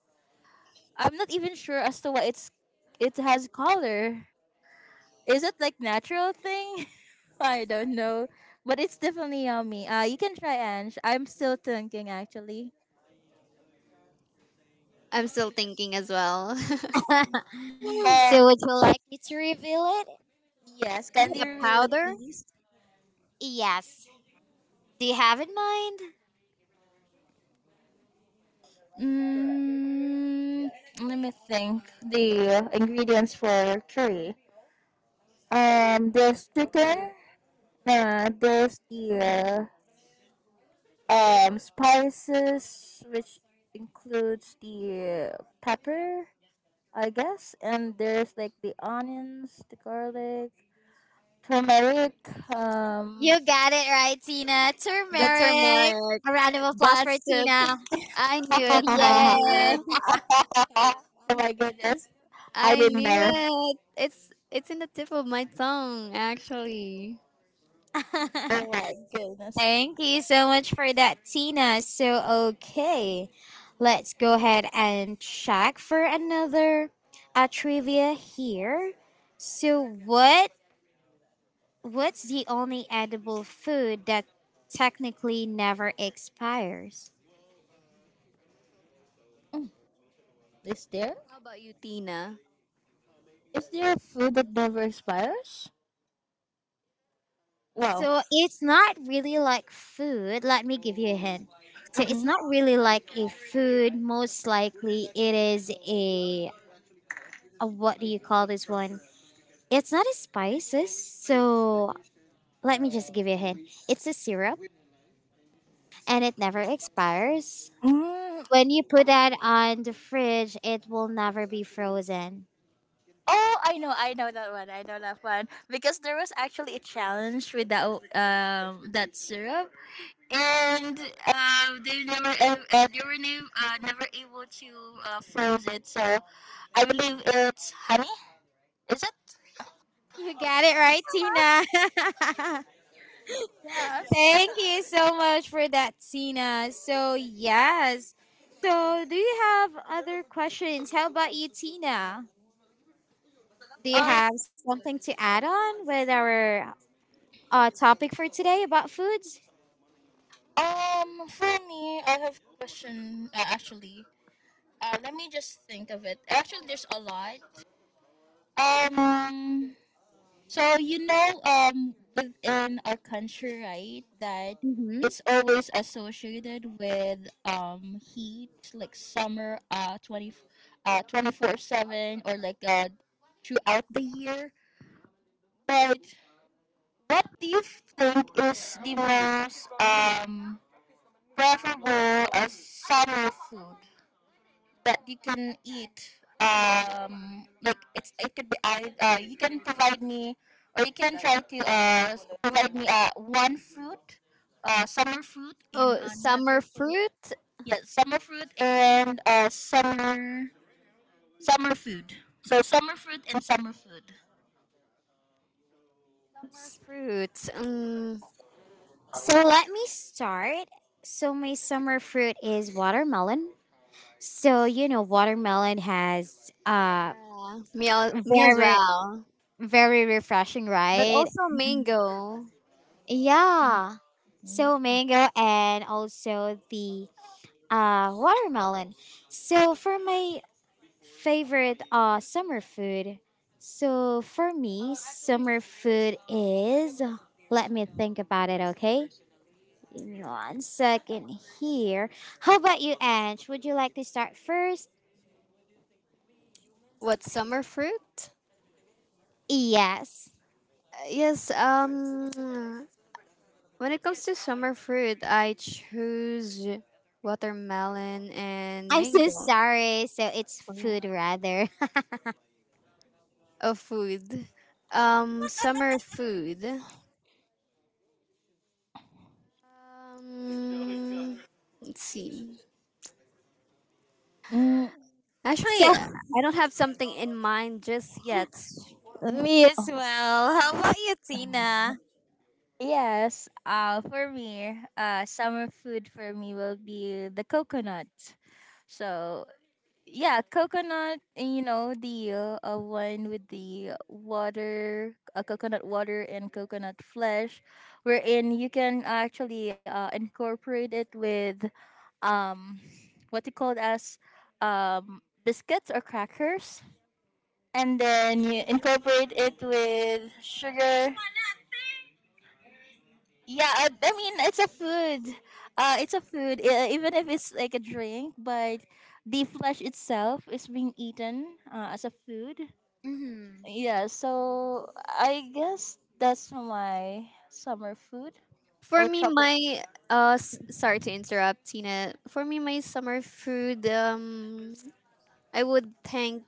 S3: I'm not even sure as to what it's... it has color. Is it like natural thing? I don't know, but it's definitely yummy. You can try, Ange. I'm still thinking actually.
S2: I'm still thinking as well. Is
S3: Oh,
S1: So, would you like me to reveal it?
S3: yes, can
S2: it
S3: you
S2: a
S3: reveal it
S2: powder?
S3: please?
S1: Yes. Do you have in mind?
S3: Mm, let me think. The ingredients for curry. There's chicken. There's the spices, which includes the pepper, I guess, and there's like the onions, the garlic, turmeric. Um,
S1: You got it right, Tina.
S2: The
S1: Turmeric.
S2: turmeric.
S1: A round of applause for
S2: That's it.
S1: Tina.
S2: I knew it. I knew it.
S3: oh my goodness, I
S2: I
S3: didn't
S2: knew
S3: know.
S2: it. It's in the tip of my tongue, actually.
S1: Yay.
S3: Oh my goodness,
S1: Thank you so much for that, Tina. So, okay, let's go ahead and check for another trivia here. So, what's the only edible food that technically never expires?
S3: is there?
S2: How about you, Tina?
S3: Is there food that never expires? Wow.
S1: So, it's not really like food. Let me give you a hint. So, it's
S3: Mm-mm.
S1: not really like a food. Most likely, it is a what do you call this one? It's not a spices. So, let me just give you a hint. It's a syrup and it never expires.
S3: Mm.
S1: When you put that on the fridge, it will never be frozen.
S3: Oh, I know that one. I know that one because there was actually a challenge with that syrup, and they never they were nev- never able to froze it. So I believe it's honey. Is it?
S1: You got it right, Tina.
S3: Yes.
S1: Thank you so much for that, Tina. So, yes. So, do you have other questions? How about you, Tina? Do you
S3: Um,
S1: have something to add on with our topic for today about foods?
S3: for me, I have a question. Actually, let me just think of it. Actually, there's a lot. Um, so you know, within our country, right, that it's
S1: Mm-hmm.
S3: always associated with heat, like summer, 24/7, or like throughout the year. But what do you think is the most preferable as summer food that you can eat? Like it could be I you can provide me, or you can try to provide me one fruit, summer fruit and
S2: Oh,
S3: another
S2: summer
S3: fruit.
S2: fruit.
S3: Yeah, summer fruit and summer food. So summer fruit and summer food.
S2: Summer fruits.
S1: So let me start. So my summer fruit is watermelon. So you know watermelon has
S2: Yeah, me as
S1: very
S2: well.
S1: very refreshing,
S2: But
S1: right?
S2: also
S3: Mm-mm.
S2: mango.
S1: Yeah. So mango and also the watermelon. So for my favorite summer food. So for me summer food is let me think about it, okay? Give me 1 second here. How about you, Ange? Would you like to start first?
S2: What summer fruit?
S1: Yes.
S2: Yes. When it comes to summer fruit, I choose watermelon and
S1: I'm so
S2: mango.
S1: sorry. So it's
S2: Oh, yeah.
S1: food rather.
S2: Of food. Summer food. Um, let's see.
S3: Mm,
S2: Actually,
S1: So
S2: I don't have something in mind just yet.
S1: me as well. How about you, Tina?
S3: yes. For me, summer food for me will be the coconut. So yeah, coconut, you know, the one with the water, coconut water and coconut flesh, wherein you can actually incorporate it with um, what you call it as biscuits or crackers. And then you incorporate it with sugar. Yeah, I mean it's a food. It's a food, even if it's like a drink. But the flesh itself is being eaten as a food.
S1: Hmm.
S3: Yeah, so I guess that's my summer food
S2: For
S3: or
S2: me,
S3: tropic.
S2: my sorry to interrupt, Tina. For me, my summer food, I would thank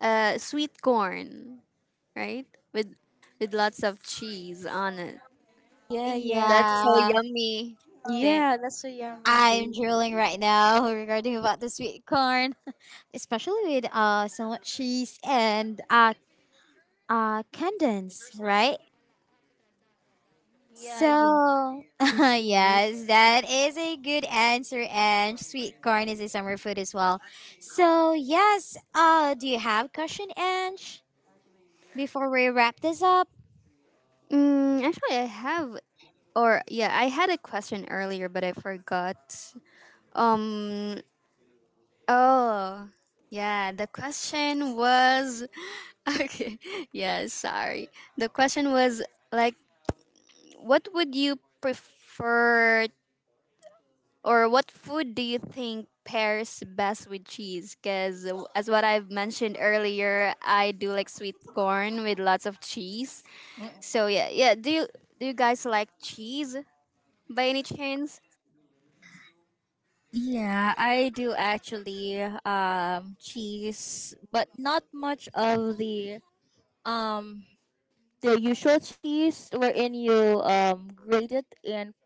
S2: sweet corn, right? With with lots of cheese on it.
S3: Yeah, yeah,
S2: That's so
S1: Yeah,
S2: yummy. Then,
S3: yeah. That's so yummy
S1: I'm
S3: indeed.
S1: drooling right now regarding about the sweet corn, especially with so much cheese and uh condensed, right? So,
S3: Yeah, yeah. That's right.
S1: yes, that is a good answer. And sweet corn is a summer food as well. So, yes, do you have question, Ange, before we wrap this up?
S2: actually, I have, or yeah, I had a question earlier, but I forgot. Um. Oh, yeah. The question was, okay. Yeah, sorry. The question was, like, what would you prefer, or what food do you think pairs best with cheese? Because as what I've mentioned earlier, I do like sweet corn with lots of cheese. So yeah, yeah. Do you guys like cheese by any chance?
S3: Yeah, I do actually cheese, but not much of um the usual cheese wherein you grate it and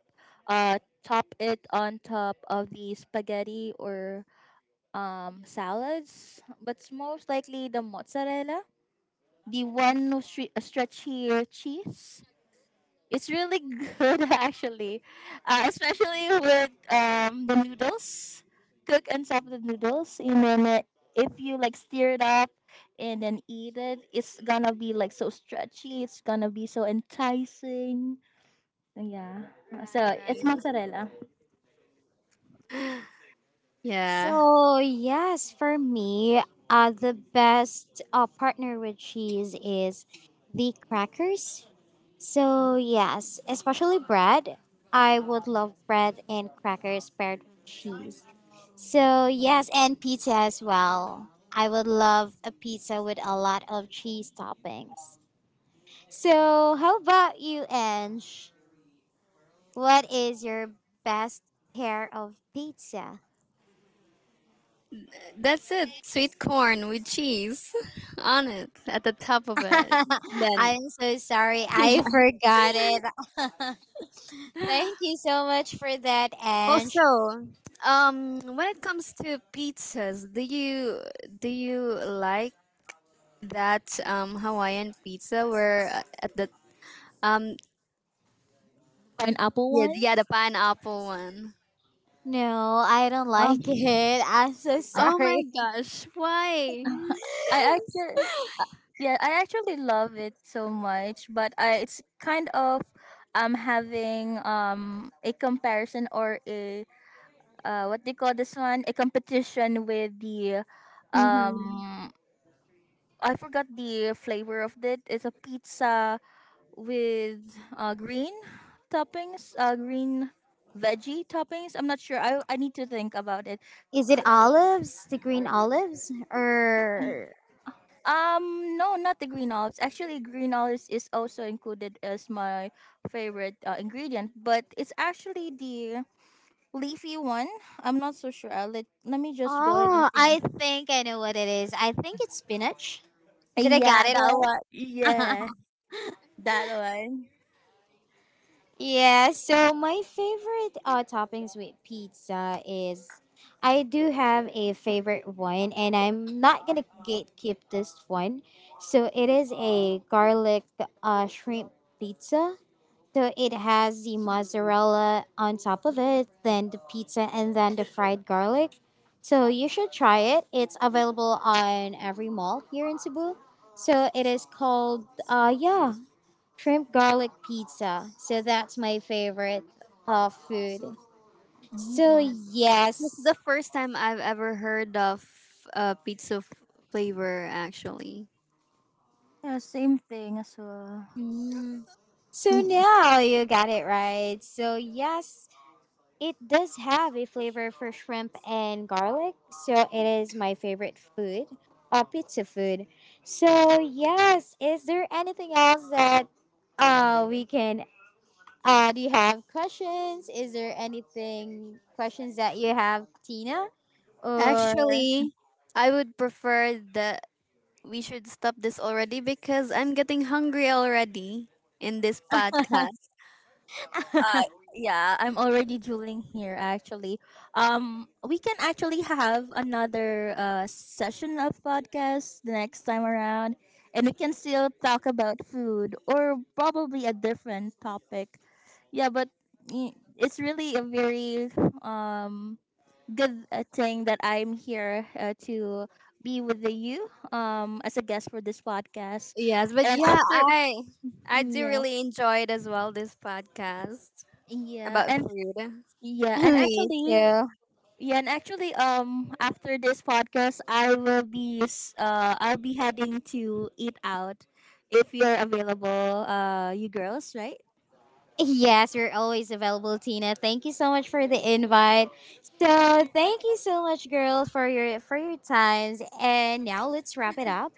S3: top it on top of the spaghetti or salads, but it's most likely the mozzarella, the one no stretchy cheese. It's really good actually, especially with the noodles. Cook and top the noodles, and then if you like stir it up and then eat it, it's gonna be like so stretchy. It's gonna be so enticing. Yeah.
S2: Right,
S3: So it's
S2: right.
S3: mozzarella.
S2: Yeah,
S1: So, yes, for me, the best partner with cheese is the crackers. So, yes, especially bread. I would love bread and crackers paired with cheese. So, yes, and pizza as well. I would love a pizza with a lot of cheese toppings. So, how about you, Ange? What is your best pair of pizza?
S2: that's it. Sweet corn with cheese on it, at the top of it. Then
S1: I'm so sorry, I forgot it. Thank you so much for that, Ange.
S2: Also, when it comes to pizzas, do you like that Hawaiian pizza, where at the um
S3: Pineapple
S2: yeah,
S3: one.
S2: yeah, the pineapple one?
S1: No, I don't like
S3: Um,
S1: it. I'm so
S2: Oh my
S1: sorry.
S2: gosh, why?
S3: I actually Yeah, I actually love it so much, but I it's kind of having a comparison or a what they call this one, a competition with the
S1: Mm-hmm.
S3: um I forgot the flavor of it. It's a pizza with green toppings, green veggie toppings. I'm not sure. I need to think about it.
S1: Is it olives? The green olives? Or.
S3: No, not the green olives. Actually, green olives is also included as my favorite ingredient, but it's actually the leafy one. I'm not so sure. I'll let Let me just go ahead and
S1: Oh,
S3: think.
S1: I think I know what it is. I think it's spinach. Did I
S3: Yeah,
S1: got it
S3: that
S1: right?
S3: one. Yeah, that one.
S1: Yeah, so my favorite toppings with pizza is I do have a favorite one, and I'm not gonna gatekeep this one. So it is a garlic shrimp pizza. So it has the mozzarella on top of it, then the pizza, and then the fried garlic. So you should try it. It's available on every mall here in Cebu. So it is called, yeah shrimp garlic pizza. So that's my favorite food. So
S3: Mm-mm.
S2: This is
S1: yes.
S2: the first time I've ever heard of pizza flavor actually.
S3: Yeah, same thing as well.
S1: Mm. So
S3: Mm.
S1: now you got it right. So yes, it does have a flavor for shrimp and garlic. So it is my favorite food. Pizza food. So yes, is there anything else that we can do you have questions? Is there anything questions that you have, Tina? Or
S2: Actually, I would prefer that we should stop this already because I'm getting hungry already in this podcast.
S3: Uh, yeah, I'm already drooling here actually. We can actually have another session of podcast the next time around, and we can still talk about food or probably a different topic. Yeah, but it's really a very um good thing that I'm here to be with you as a guest for this podcast.
S2: Yes, but
S3: And
S2: yeah,
S3: after
S2: I do
S3: Yeah,
S2: really enjoy it as well. This podcast
S3: yeah,
S2: about food.
S3: yeah, and
S1: Me
S3: actually,
S1: too.
S3: yeah, and actually, after this podcast, I'll be heading to eat out if you're available, you girls, right?
S1: Yes, you're always available, Tina. Thank you so much for the invite. So thank you so much, girl, for your times. And now let's wrap it up.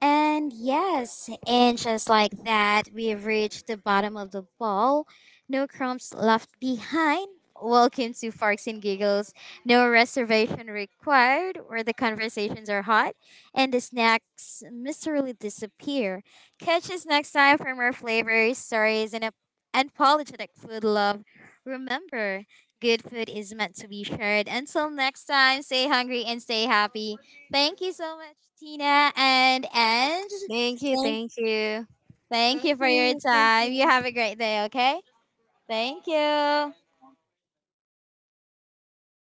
S1: And yes, and just like that, we have reached the bottom of the ball. No crumbs left behind. Welcome to Farks and Giggles. No reservation required, where the conversations are hot and the snacks mysteriously disappear. Catch us next time for more flavors, stories, and a and politics with love. Remember, good food is meant to be shared. Until next time, stay hungry and stay happy. Thank you so much, Tina and Ange.
S2: Thank you,
S1: Thank,
S2: thank you.
S1: thank you
S3: Thank
S1: for your
S3: you,
S1: time.
S3: thank
S1: You have a great day, okay? Thank you.